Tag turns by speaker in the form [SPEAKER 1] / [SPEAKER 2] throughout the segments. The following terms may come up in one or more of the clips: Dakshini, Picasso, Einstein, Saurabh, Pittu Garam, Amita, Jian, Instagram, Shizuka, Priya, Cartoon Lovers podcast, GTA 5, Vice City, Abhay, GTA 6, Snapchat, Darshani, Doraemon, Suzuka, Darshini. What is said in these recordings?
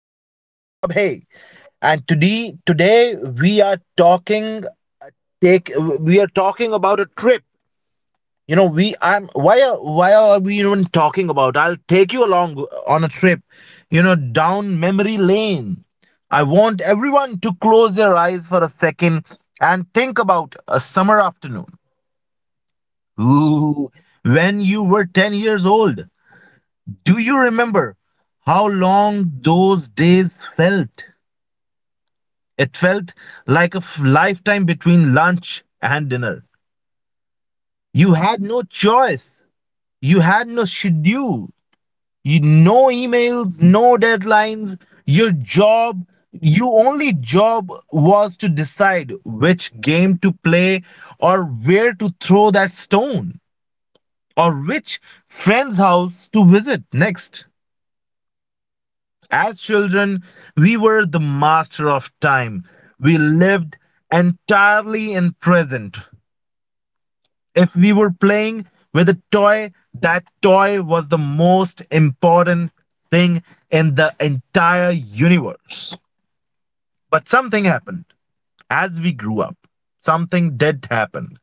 [SPEAKER 1] I'm your host Abhay, and today we are talking take we are talking about a trip. You know, we I'm why are we even talking about? I'll take you along on a trip. You know, down memory lane. I want everyone to close their eyes for a second and think about a summer afternoon. Ooh, when you were 10 years old, do you remember how long those days felt? It felt like a lifetime between lunch and dinner. You had no choice. You had no schedule. You, no emails, no deadlines. Your job, your only job was to decide which game to play, or where to throw that stone, or which friend's house to visit next. As children, we were the master of time. We lived entirely in present. If we were playing with a toy, that toy was the most important thing in the entire universe. But something happened as we grew up. Something did happen.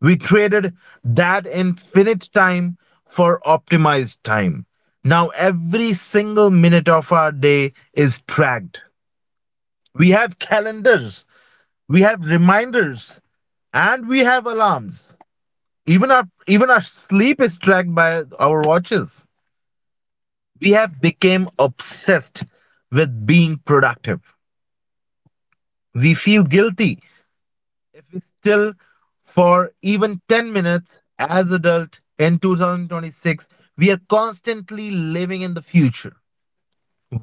[SPEAKER 1] We traded that infinite time for optimized time. Now, every single minute of our day is tracked. We have calendars, we have reminders, and we have alarms. Even our sleep is tracked by our watches. We have become obsessed with being productive. We feel guilty if we still for even 10 minutes as adult in 2026 we are constantly living in the future,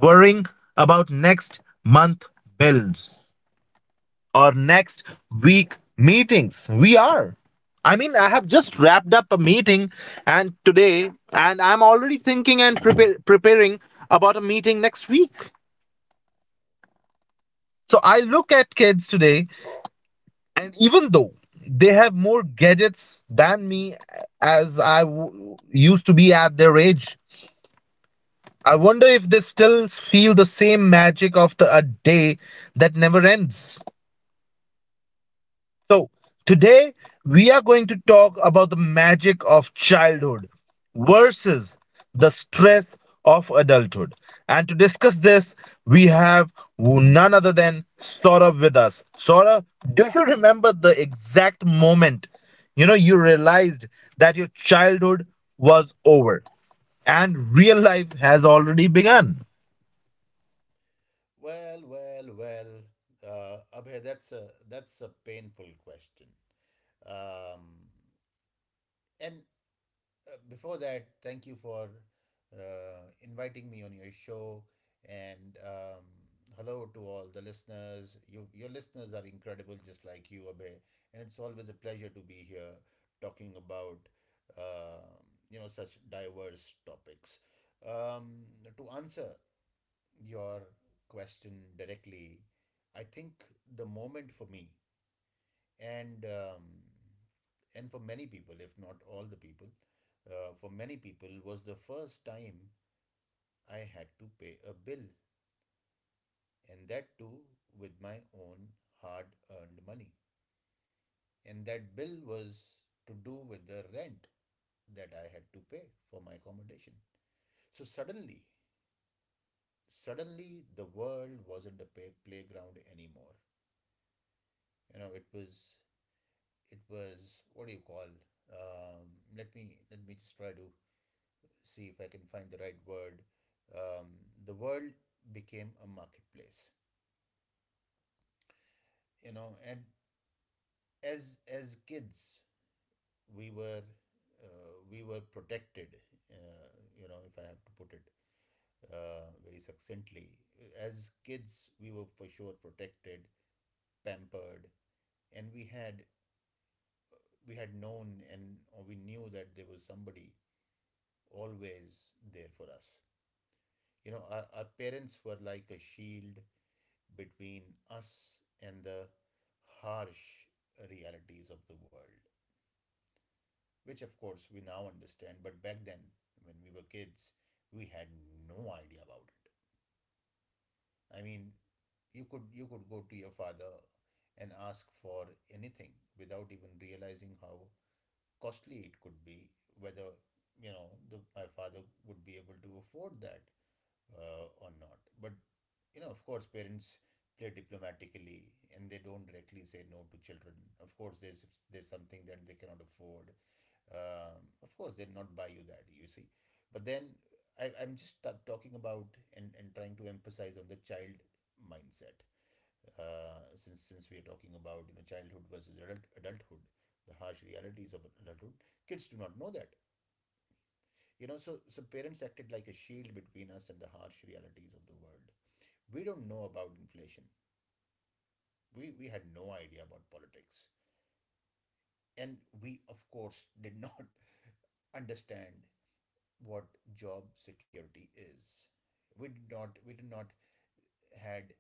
[SPEAKER 1] worrying about next month bills or next week meetings. We are. I mean, I have just wrapped up a meeting and today, and I'm already thinking and preparing about a meeting next week. So I look at kids today, and even though they have more gadgets than me as I used to be at their age, I wonder if they still feel the same magic of a day that never ends. So, today we are going to talk about the magic of childhood versus the stress of adulthood. And to discuss this, we have none other than Saurabh with us. Saurabh, do you remember the exact moment you know you realized that your childhood was over and real life has already begun?
[SPEAKER 2] Well, well, well. Abhay, that's a painful question. Um, and Before that, thank you for inviting me on your show. And Hello to all the listeners. Your listeners are incredible, just like you, Abhay. And it's always a pleasure to be here talking about um you know such diverse topics. Um, to answer your question directly, I think the moment for me and um, and for many people, if not all the people, for many people was the first time I had to pay a bill, and that too with my own hard earned money. And that bill was to do with the rent that I had to pay for my accommodation. So suddenly the world wasn't a playground anymore. You know, it was what do you call? Um, let me just try to see if I can find the right word. Um, the world became a marketplace, you know, and as kids we were we were protected, uh, you know, if I have to put it very succinctly. As kids, we were for sure protected, pampered, and we had known and or we knew that there was somebody always there for us. You know our parents were like a shield between us and the harsh realities of the world, which of course we now understand, but back then when we were kids we had no idea about it. I mean, you could go to your father and ask for anything without even realizing how costly it could be, whether my father would be able to afford that or not. But you know, of course, parents play diplomatically and they don't directly say no to children. Of course, there's if there's something that they cannot afford. Of course, they'll not buy you that. You see, but then I, I'm just ta- talking about and trying to emphasize on the child mindset. Since we are talking about you know childhood versus adulthood, the harsh realities of adulthood, kids do not know that. You know, so parents acted like a shield between us and the harsh realities of the world. We don't know about inflation. We had no idea about politics. And we, of course, did not understand what job security is. We did not had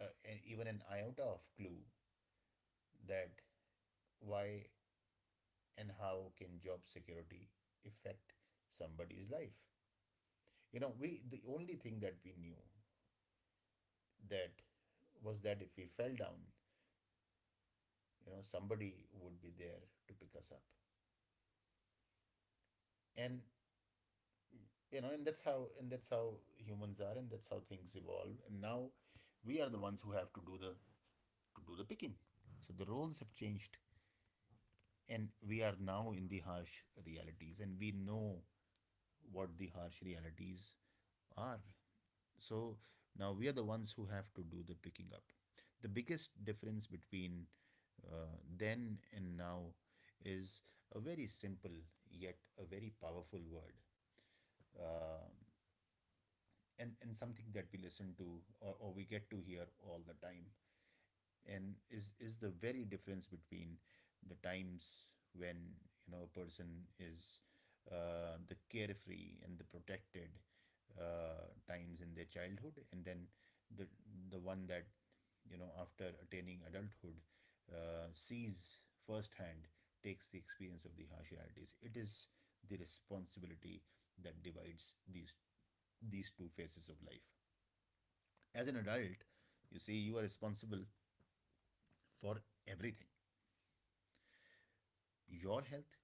[SPEAKER 2] uh, even an iota of clue that why and how can job security affect somebody's life. You know, we the only thing that we knew that was that if we fell down, you know, somebody would be there to pick us up. And you know and that's how humans are, and that's how things evolve. And now we are the ones who have to do the picking. So the roles have changed, and we are now in the harsh realities, and we know what the harsh realities are. So now we are the ones who have to do the picking up. The biggest difference between then and now is a very simple yet a very powerful word, um and something that we listen to or we get to hear all the time. And is the very difference between the times when you know a person is the carefree and the protected times in their childhood, and then the the one that you know after attaining adulthood sees firsthand takes the experience of the harsh realities. It is the responsibility that divides these two phases of life. As an adult, you see, you are responsible for everything: your health,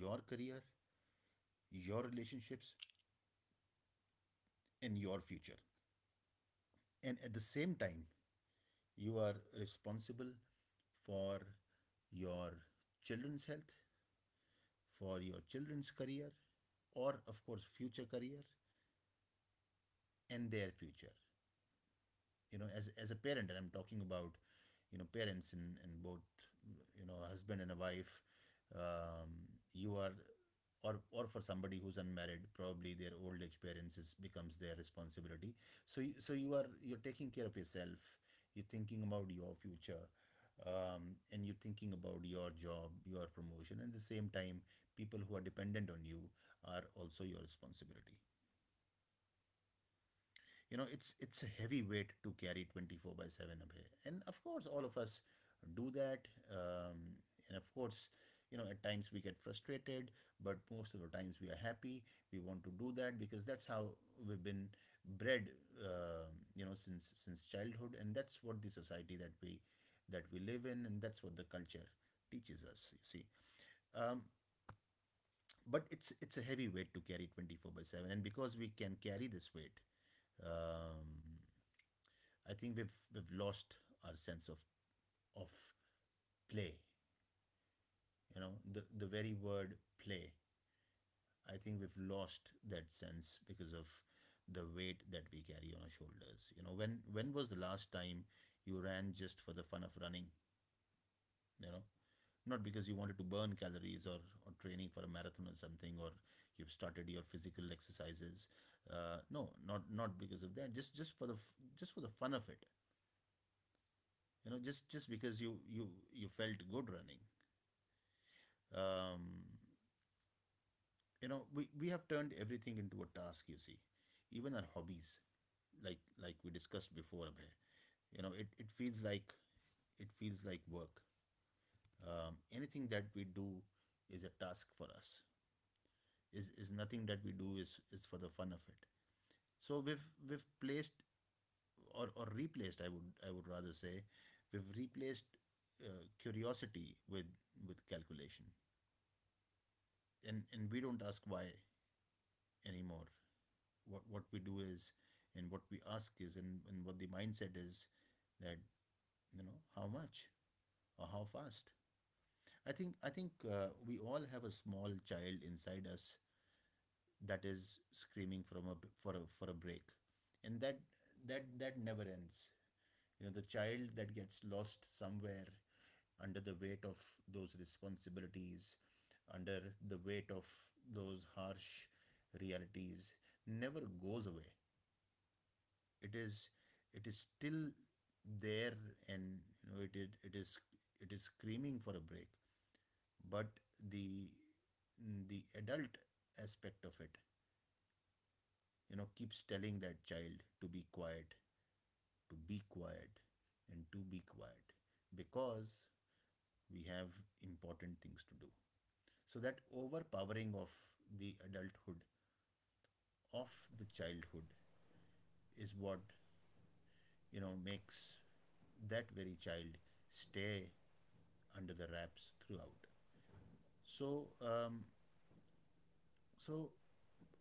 [SPEAKER 2] your career, your relationships, and your future. And at the same time, you are responsible for your children's health, for your children's career, or of course, future career and their future. You know, as a parent, and I'm talking about you know parents in both, you know, a husband and a wife, um, you are or for somebody who's unmarried, probably their old age parents is becomes their responsibility. So so you are you're taking care of yourself, you're thinking about your future, um, and you're thinking about your job, your promotion, and at the same time people who are dependent on you are also your responsibility. You know, it's a heavy weight to carry 24 by 7 away, and of course all of us do that. And of course, you know, at times we get frustrated, but most of the times we are happy. We want to do that because that's how we've been bred, uh, you know, since childhood, and that's what the society that we live in, and that's what the culture teaches us, you see. um, but it's a heavy weight to carry 24 by 7, and because we can carry this weight, um, I think we've lost our sense of of play. You know, the very word play. I think we've lost that sense because of the weight that we carry on our shoulders. You know, when was the last time you ran just for the fun of running? You know, not because you wanted to burn calories, or training for a marathon or something, or you've started your physical exercises. No, not because of that, just just for the fun of it, you know, just because you you felt good running. um, you know, we have turned everything into a task, you see. Even our hobbies, like we discussed before, Abhay, you know, it feels like work. Anything that we do is a task for us. Is nothing that we do is for the fun of it. So or replaced, I would rather say, we've replaced uh, curiosity with calculation. And we don't ask why anymore. What we do is, and what we ask is, and what the mindset is, that you know how much or how fast. I think we all have a small child inside us that is screaming from a for a break, and that that never ends. You know the child that gets lost somewhere under the weight of those responsibilities, under the weight of those harsh realities, never goes away. It is still there. And you know, it is it is screaming for a break. But the the adult aspect of it, you know, keeps telling that child to be quiet, to be quiet, and to be quiet, because we have important things to do. So that overpowering of the adulthood of the childhood is what, you know, makes that very child stay under the wraps throughout. So, so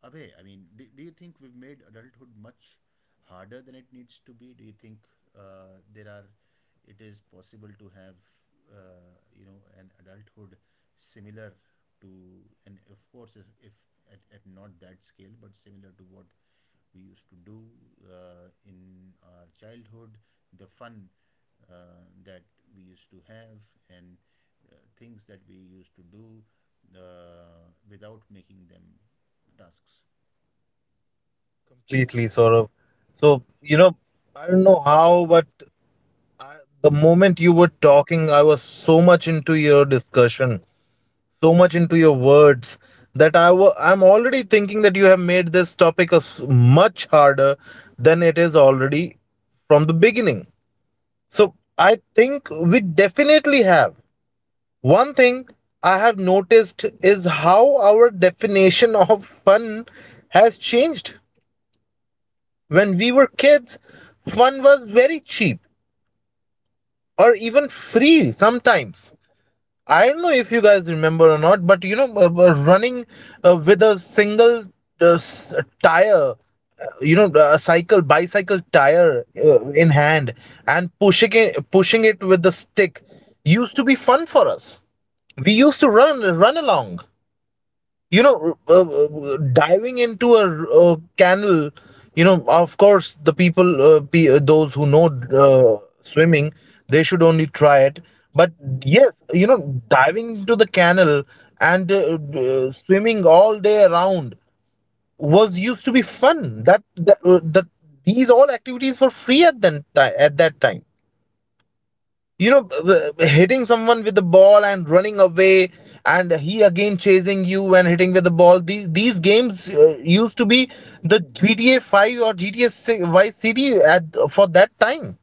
[SPEAKER 2] Abhay, I mean, do you think we've made adulthood much harder than it needs to be? Do you think uh, there are, it is possible to have, you know, an adulthood similar to, and of course, if at not that scale, but similar to what we used to do in our childhood, the fun that we used to have, and things that we used to do without making them tasks.
[SPEAKER 1] Completely sort so you know I don't know how but The moment you were talking, I was so much into your discussion, so much into your words that I'm already thinking that you have made this topic as much harder than it is already from the beginning. So I think we definitely have. One thing I have noticed is how our definition of fun has changed. When we were kids, fun was very cheap or even free sometimes. I don't know if you guys remember or not, but you know, running with a single tire, you know, a cycle, bicycle tire in hand and pushing it with the stick used to be fun for us. We used to run along, you know, diving into a uh, canal. You know, of course the people, those who know uh, swimming, they should only try it. But yes, you know, diving into the canal and swimming all day around was used to be fun. That that, that These all activities were free at at that time, you know. Hitting someone with the ball and running away, and he again chasing you and hitting with the ball, these games used to be the GTA 5 or GTA 6 Vice City at for that time.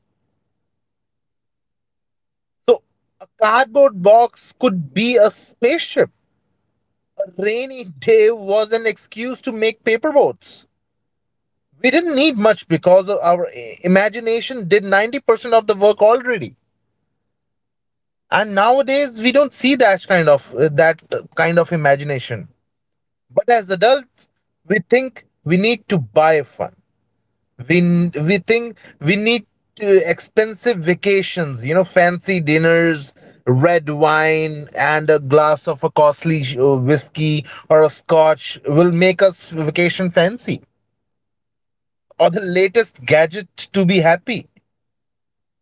[SPEAKER 1] So a cardboard box could be a spaceship, a rainy day was an excuse to make paper boats. We didn't need much because our imagination did 90% of the work already. And nowadays we don't see that kind of that kind of imagination. But as adults, we think we need to buy fun. We think we need to expensive vacations, you know, fancy dinners, red wine, and a glass of a costly whiskey or a scotch will make us vacation fancy, or the latest gadget to be happy.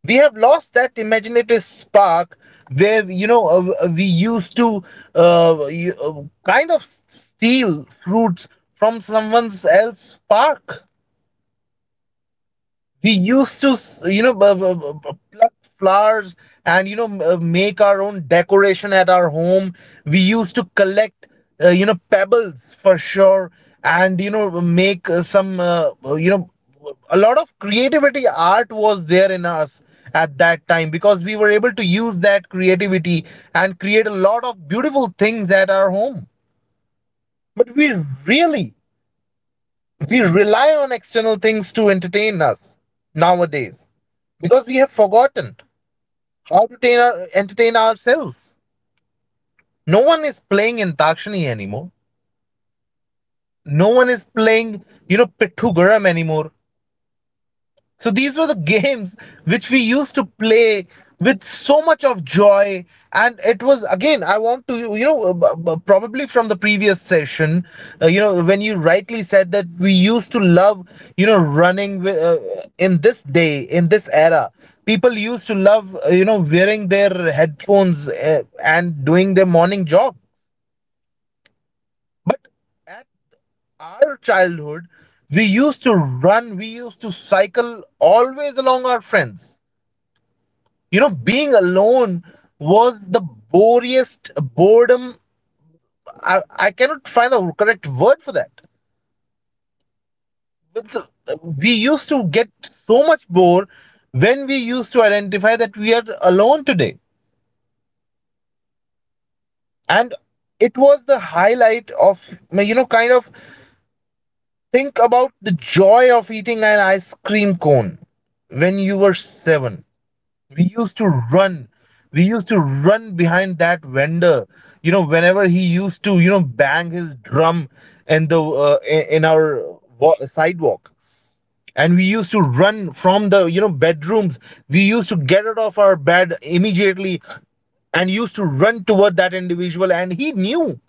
[SPEAKER 1] We have lost that imaginative spark where, you know, we used to uh, you- uh, kind of steal fruits from someone else's park. We used to you know pluck flowers and you know make our own decoration at our home. We used to collect, you know, pebbles for sure, and you know, make some you know, a lot of creativity art was there in us at that time, because we were able to use that creativity and create a lot of beautiful things at our home. But we really, we rely on external things to entertain us nowadays, because we have forgotten how to entertain ourselves. No one is playing in Dakshini anymore. No one is playing, you know, Pittu Garam anymore. So these were the games which we used to play with so much of joy. And it was, again, I want to, you know, probably from the previous session, you know, when you rightly said that we used to love, you know, running with, in this day, in this era. People used to love, you know, wearing their headphones and doing their morning job. But at our childhood, we used to run, we used to cycle always along our friends. You know, being alone was the boriest boredom. i, I cannot find the correct word for that, but we used to get so much bored when we used to identify that we are alone today. And it was the highlight of, you know, kind of think about the joy of eating an ice cream cone when you were 7. We used to run, we used to run behind that vendor, you know, whenever he used to, you know, bang his drum in the in our sidewalk. And we used to run from the, you know, bedrooms. We used to get out of our bed immediately and used to run toward that individual. And he knew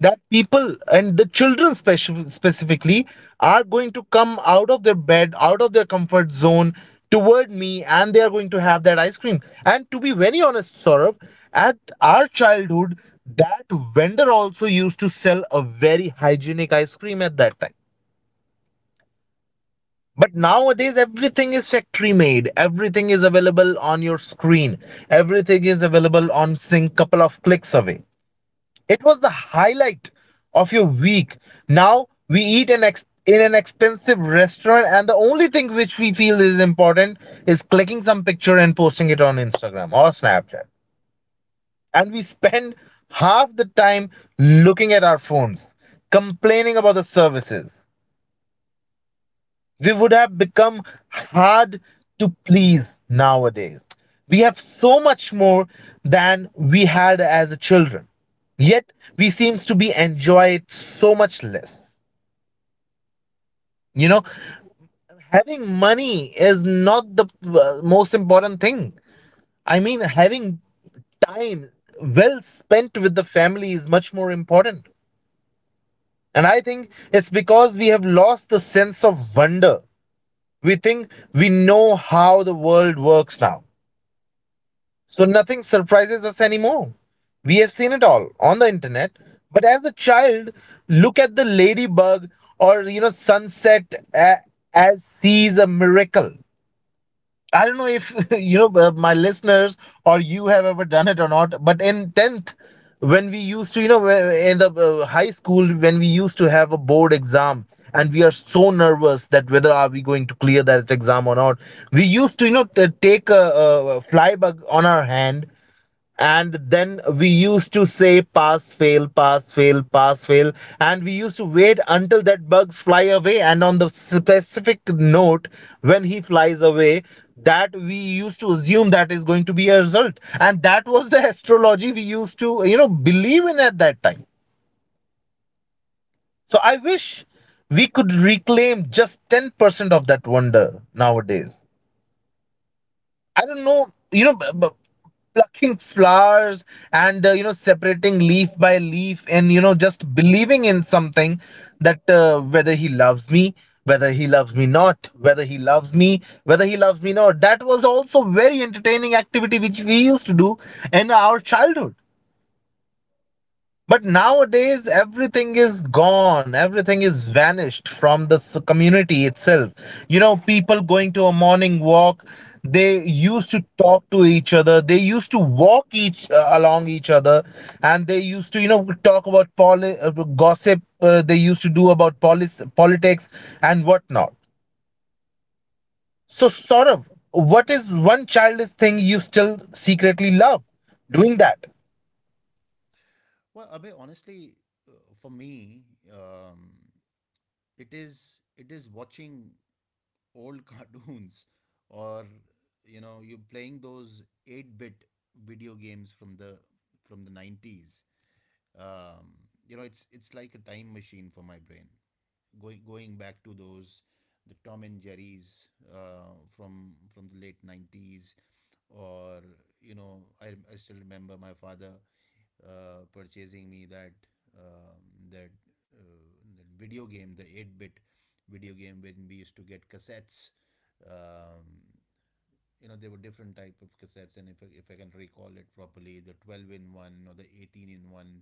[SPEAKER 1] that people and the children specifically are going to come out of their bed, out of their comfort zone toward me, and they are going to have that ice cream. And to be very honest, Saurabh, at our childhood, that vendor also used to sell a very hygienic ice cream at that time. But nowadays, everything is factory made, everything is available on your screen, everything is available on sync couple of clicks away. It was the highlight of your week. Now we eat in an expensive restaurant, and the only thing which we feel is important is clicking some picture and posting it on Instagram or Snapchat. And we spend half the time looking at our phones, complaining about the services. We would have become hard to please nowadays. We have so much more than we had as children. Yet we seems to be enjoy it so much less. You know, having money is not the most important thing. I mean, having time well spent with the family is much more important. And I think it's because we have lost the sense of wonder. We think we know how the world works now. So nothing surprises us anymore. We have seen it all on the internet. But as a child, look at the ladybug or you know sunset as sees a miracle. I don't know if you know my listeners or you have ever done it or not. But in tenth, when we used to you know whe- in the high school, when we used to have a board exam and we are so nervous that whether are we going to clear that exam or not, we used to you know take a fly bug on our hand. And then we used to say pass fail, pass fail, pass fail. And we used to wait until that bugs fly away, and on the specific note when he flies away, that we used to assume that is going to be a result. And that was the astrology we used to you know believe in at that time. So I wish we could reclaim just 10% of that wonder nowadays. I don't know, you know, plucking flowers and you know separating leaf by leaf and you know just believing in something that whether he loves me, whether he loves me not, whether he loves me, whether he loves me not. That was also very entertaining activity which we used to do in our childhood. But nowadays, everything is gone. Everything is vanished from the community itself. You know, people going to a morning walk, they used to talk to each other. They used to walk each along each other, and they used to, you know, talk about gossip. They used to do about politics and whatnot. So, Saurav, what is one childish thing you still secretly love doing that?
[SPEAKER 2] Well, Abhay, honestly, for me, um, it is watching old cartoons, or you know, you playing those eight bit video games from the from the 90s. You know, it's like a time machine for my brain, going back to those the Tom and Jerry's from the late 90s, or you know, I still remember my father purchasing me that um, that uh, that video game, the 8-bit video game, when we used to get cassettes. um, you know, there were different type of cassettes, and if I can recall it properly, the 12 in one or the 18 in one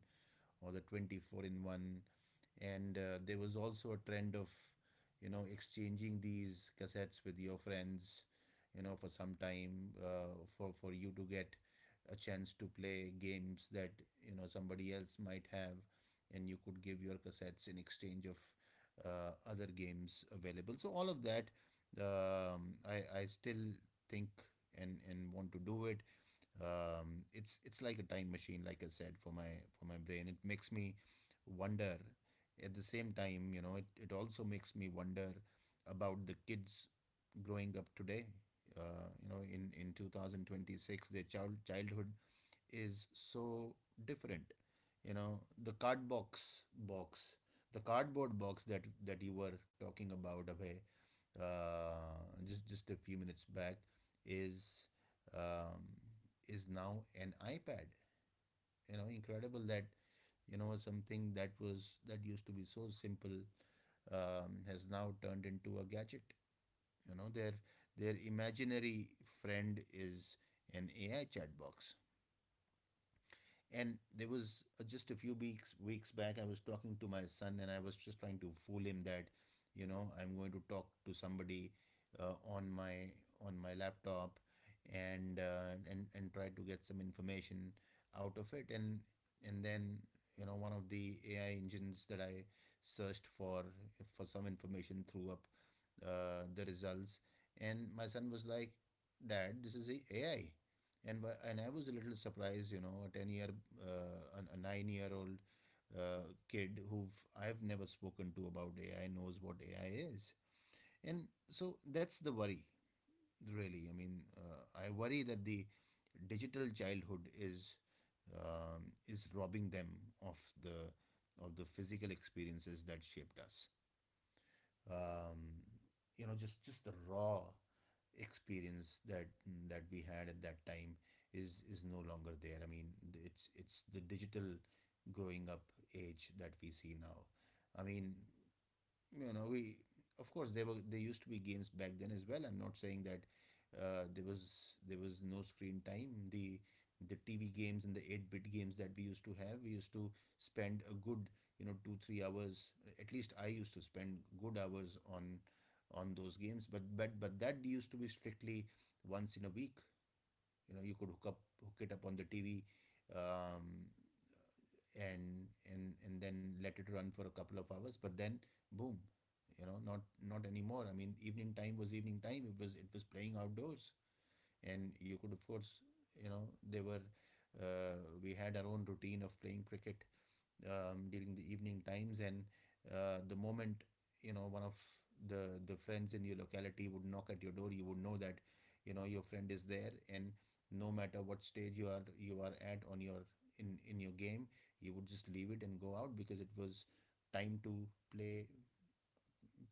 [SPEAKER 2] or the 24 in 1. And there was also a trend of you know exchanging these cassettes with your friends, you know, for some time, for you to get a chance to play games that you know somebody else might have, and you could give your cassettes in exchange of other games available. So all of that, I still think and want to do it. It's like a time machine, like I said, for my brain. It makes me wonder. At the same time, you know, it also makes me wonder about the kids growing up today, you know, in 2026. Their childhood is so different. You know, the cardboard box that you were talking about, Abhay, just a few minutes back, is um, is now an iPad. You know, incredible that something that used to be so simple has now turned into a gadget. You know, their imaginary friend is an AI chat box. And there was just a few weeks back, I was talking to my son, and I was just trying to fool him that, you know, I'm going to talk to somebody uh, on my on my laptop, and and try to get some information out of it, and then you know one of the AI engines that I searched for some information threw up the results, and my son was like, "Dad, this is a AI." And I was a little surprised, you know, a 9 year old kid who I've never spoken to about AI knows what AI is, and so that's the worry, really. I mean, I worry that the digital childhood is robbing them of the of the physical experiences that shaped us, um, just the raw experience that that we had at that time is no longer there. I mean, it's the digital growing up age that we see now. I mean, you know, we, of course there were there used to be games back then as well. I'm not saying that there was no screen time. The TV games and the 8-bit games that we used to have, we used to spend a good, you know, 2 3 hours, at least I used to spend good hours on those games. But but that used to be strictly once in a week. You know, you could hook it up on the TV, um, and then let it run for a couple of hours. But then, boom, you know, not not anymore. I mean, evening time was evening time, it was playing outdoors. And you could, of course, you know, they were uh, we had our own routine of playing cricket during the evening times. And the moment, you know, one of the friends in your locality would knock at your door, you would know that, you know, your friend is there. And no matter what stage you are at on your in your game, you would just leave it and go out because it was time to play,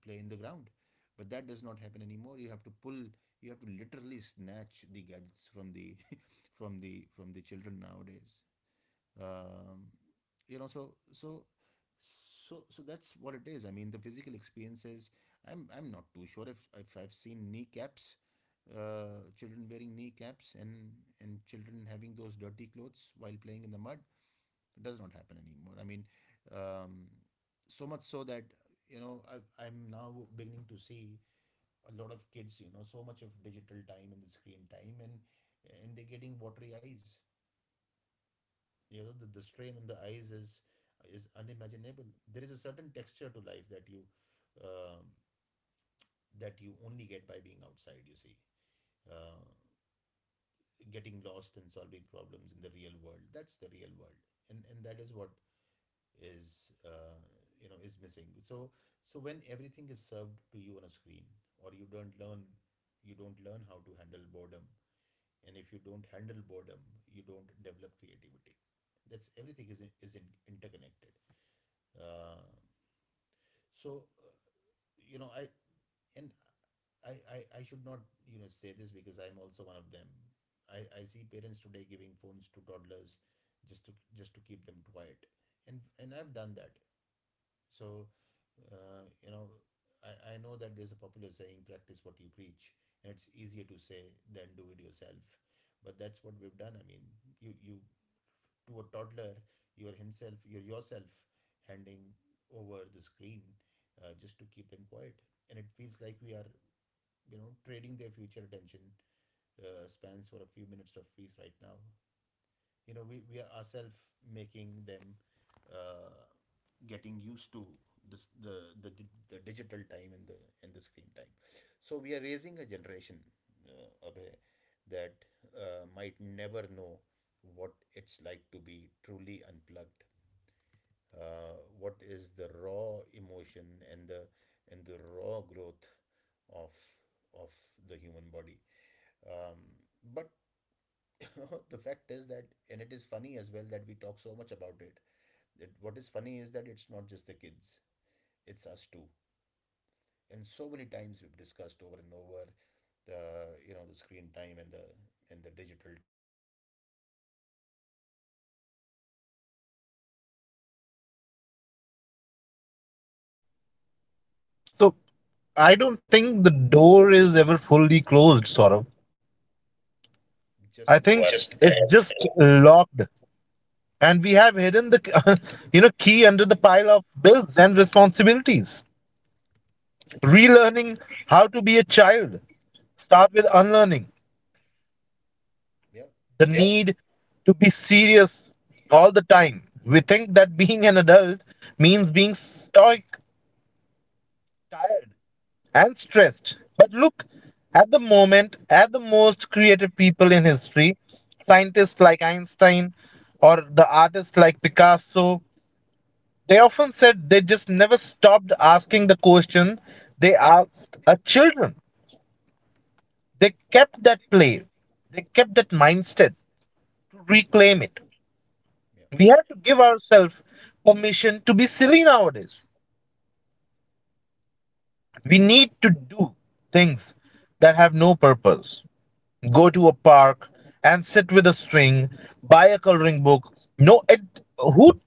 [SPEAKER 2] play in the ground. But that does not happen anymore. You have to pull, you have to literally snatch the gadgets from the from the children nowadays. um, you know, so that's what it is. I mean, the physical experiences, I'm not too sure if I've seen kneecaps, children wearing kneecaps, and children having those dirty clothes while playing in the mud. It does not happen anymore. I mean, um, so much so that, you know, I'm now beginning to see a lot of kids, you know, so much of digital time and the screen time, and they're getting watery eyes. You know, the strain on the eyes is unimaginable. There is a certain texture to life um, that you only get by being outside, you see. uh, Getting lost and solving problems in the real world, that's the real world. And that is what is is missing. So so when everything is served to you on a screen, or you don't learn, you don't learn how to handle boredom. And if you don't handle boredom, you don't develop creativity. That's, everything is in, interconnected. Uh, so uh, you know, and I should not, you know, say this because I'm also one of them. I see parents today giving phones to toddlers, just to keep them quiet, and I've done that. So, you know, I know that there's a popular saying, "Practice what you preach," and it's easier to say than do it yourself. But that's what we've done. I mean, you to a toddler, you're yourself handing over the screen just to keep them quiet. And it feels like we are, you know, trading their future attention spans for a few minutes of peace right now. You know, we are ourselves making them uh, getting used to this the digital time and the screen time. So we are raising a generation, Abhay, that might never know what it's like to be truly unplugged, what is the raw emotion and the and the raw growth of of the human body. um, but the fact is that, and it is funny as well, that we talk so much about it. That what is funny is that it's not just the kids; it's us too. And so many times we've discussed over and over the, you know, the screen time and the digital time and the reels um, and the likes and the posts and whatnot. We are the first generation of adults.
[SPEAKER 1] So I don't
[SPEAKER 2] You
[SPEAKER 1] think
[SPEAKER 2] see,
[SPEAKER 1] the door
[SPEAKER 2] we
[SPEAKER 1] is
[SPEAKER 2] are the
[SPEAKER 1] ever
[SPEAKER 2] first
[SPEAKER 1] fully
[SPEAKER 2] ones
[SPEAKER 1] closed, Saurabh.
[SPEAKER 2] who are just as
[SPEAKER 1] I think
[SPEAKER 2] addicted.
[SPEAKER 1] Just it's just locked, and we have hidden the, you know, key under the pile of bills and responsibilities. Relearning how to be a child. Start with unlearning
[SPEAKER 2] Yeah,
[SPEAKER 1] need to be serious all the time. We think that being an adult means being stoic, tired, and stressed. But look at the most creative people in history, scientists like Einstein or the artists like Picasso. They often said they just never stopped asking the questions they asked our children. They kept that play, they kept that mindset to reclaim it.
[SPEAKER 2] yeah.
[SPEAKER 1] We have to give ourselves permission to be silly nowadays. We need to do things that have no purpose. Go to a park and sit with a swing, buy a coloring book. No, it who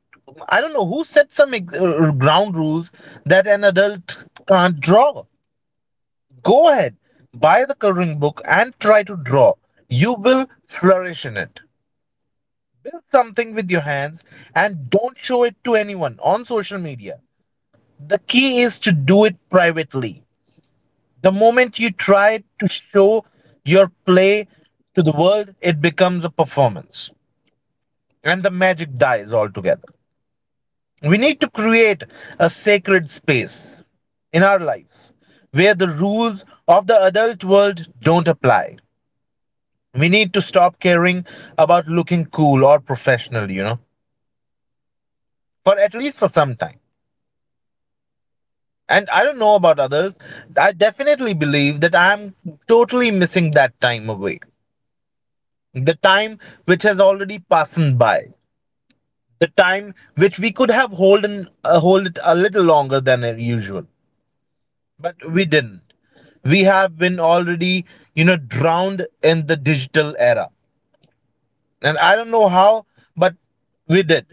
[SPEAKER 1] I don't know who set some ground rules that an adult can't draw. Go ahead, buy the coloring book and try to draw. You will flourish in it. Build something with your hands and don't show it to anyone on social media. The key is to do it privately. The moment you try to show your play to the world, it becomes a performance, and the magic dies altogether. We need to create a sacred space in our lives where the rules of the adult world don't apply. We need to stop caring about looking cool or professional, for at least for some time. And I don't know about others, I definitely believe that I'm totally missing that time away. The time which has already passed by. The time which we could have hold it a little longer than usual, but we didn't. We have been already, drowned in the digital era, and I don't know how, but we did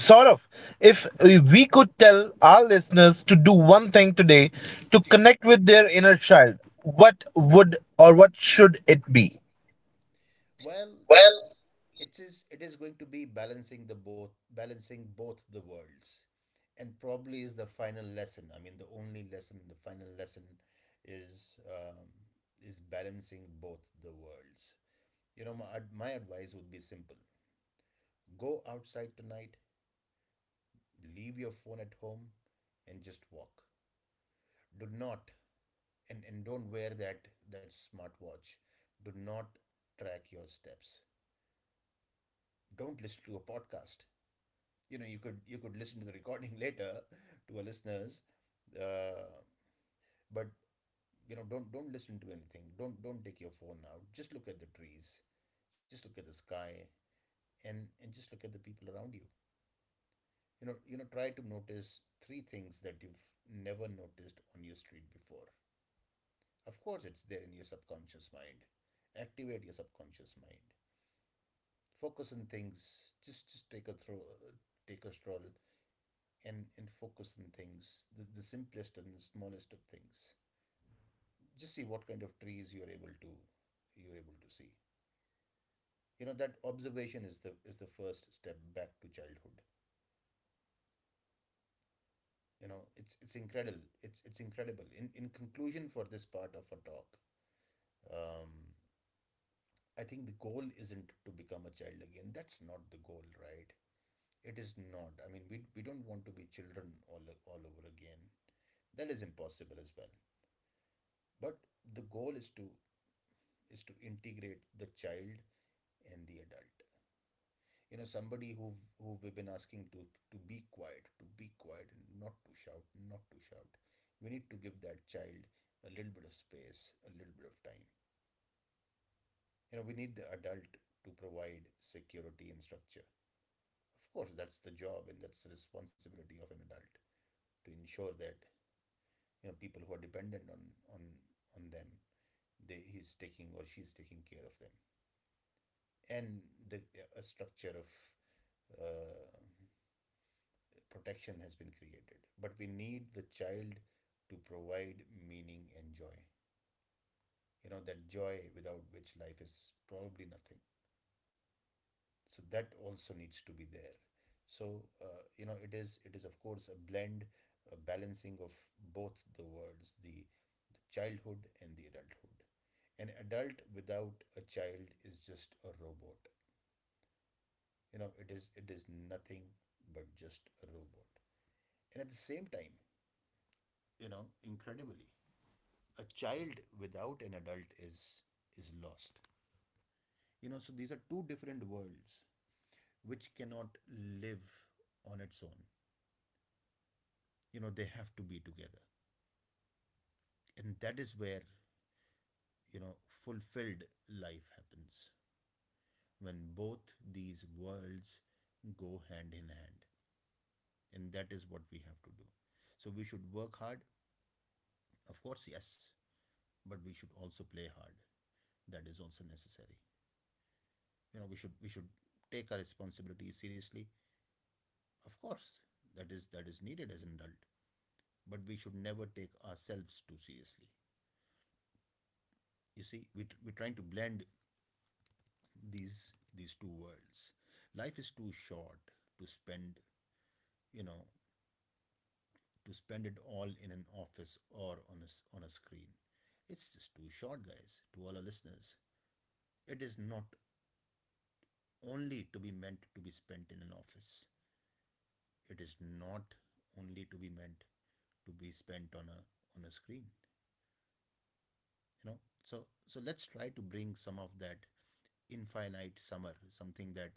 [SPEAKER 1] sort of. If we could tell our listeners to do one thing today to connect with their inner child, what would or what should it be?
[SPEAKER 2] Well, it is going to be balancing the both, balancing both the worlds. And probably is the final lesson, I mean the only lesson, the final lesson is um, is balancing both the worlds. You know, my advice would be simple. Go outside tonight, leave your phone at home, and just walk. Do not, and don't wear that that smartwatch. Do not track your steps, don't listen to a podcast. You know, you could listen to the recording later, to our listeners, uh, but, you know, don't listen to anything, don't take your phone out, just look at the trees, just look at the sky, and just look at the people around you. You know, you know, try to notice 3 things that you've never noticed on your street before. Of course it's there in your subconscious mind. Activate your subconscious mind, focus on things, just take a stroll, and focus on things, the simplest and the smallest of things. Just see what kind of trees you're able to, you're able to see. You know, that observation is the first step back to childhood. You know, it's incredible, it's incredible. In conclusion for this part of our talk, um I think the goal isn't to become a child again. That's not the goal, right? It is not. I mean, we don't want to be children all over again. That is impossible as well. But the goal is to integrate the child and the adult. You know, somebody who we've been asking to be quiet, to be quiet, and not to shout, not to shout, we need to give that child a little bit of space, a little bit of time. You know, we need the adult to provide security and structure, of course. That's the job, and that's the responsibility of an adult, to ensure that, you know, people who are dependent on on them, they, he's taking or she's taking care of them, and the a structure of uh, protection has been created. But we need the child to provide meaning and joy. You know, that joy without which life is probably nothing, so that also needs to be there. So, you know, it is it is, of course, a blend, a balancing of both the worlds: the childhood and the adulthood. An adult without a child is just a robot. You know, it is nothing but just a robot. And at the same time, you know, incredibly, a child without an adult is lost. You know, so these are two different worlds which cannot live on its own. You know, they have to be together, and that is where, you know, fulfilled life happens, when both these worlds go hand in hand. And that is what we have to do. So we should work hard, of course, yes, but we should also play hard. That is also necessary. You know, we should take our responsibilities seriously. Of course, that is needed as an adult, but we should never take ourselves too seriously. You see, we we're trying to blend these two worlds. Life is too short to spend, you know, to spend it all in an office or on a screen. It's just too short, guys. To all our listeners, it is not only to be meant to be spent in an office, it is not only to be meant to be spent on a screen. You know, so so let's try to bring some of that infinite summer, something that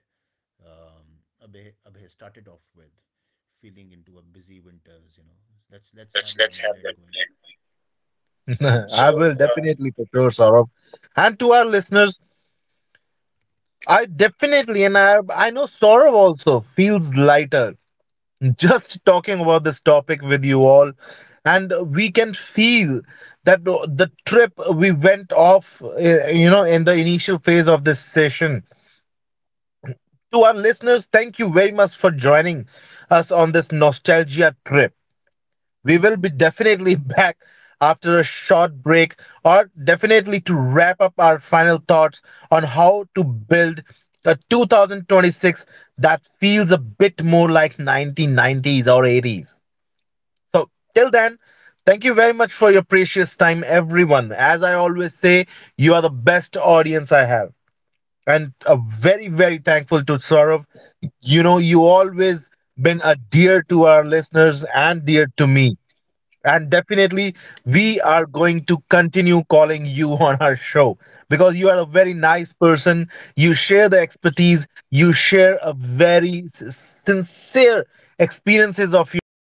[SPEAKER 2] um, Abhay, Abhay started off with, feeling into a busy winters. You know, let's have that blend going. So
[SPEAKER 1] I will definitely for sure, Saurav. And to our listeners, I definitely and I know Saurav also feels lighter just talking about this topic with you all, and we can feel that the trip we went off, you know, in the initial phase of this session. To our listeners, thank you very much for joining us on this nostalgia trip. We will be definitely back after a short break, or definitely to wrap up our final thoughts on how to build a 2026 that feels a bit more like 1990s or 80s. So, till then, thank you very much for your precious time, everyone. As I always say, you are the best audience I have. And a very, very thankful to Saurav. You know, you always been a dear to our listeners and dear to me. And definitely, we are going to continue calling you on our show because you are a very nice person. You share the expertise, you share a very sincere experiences of yours.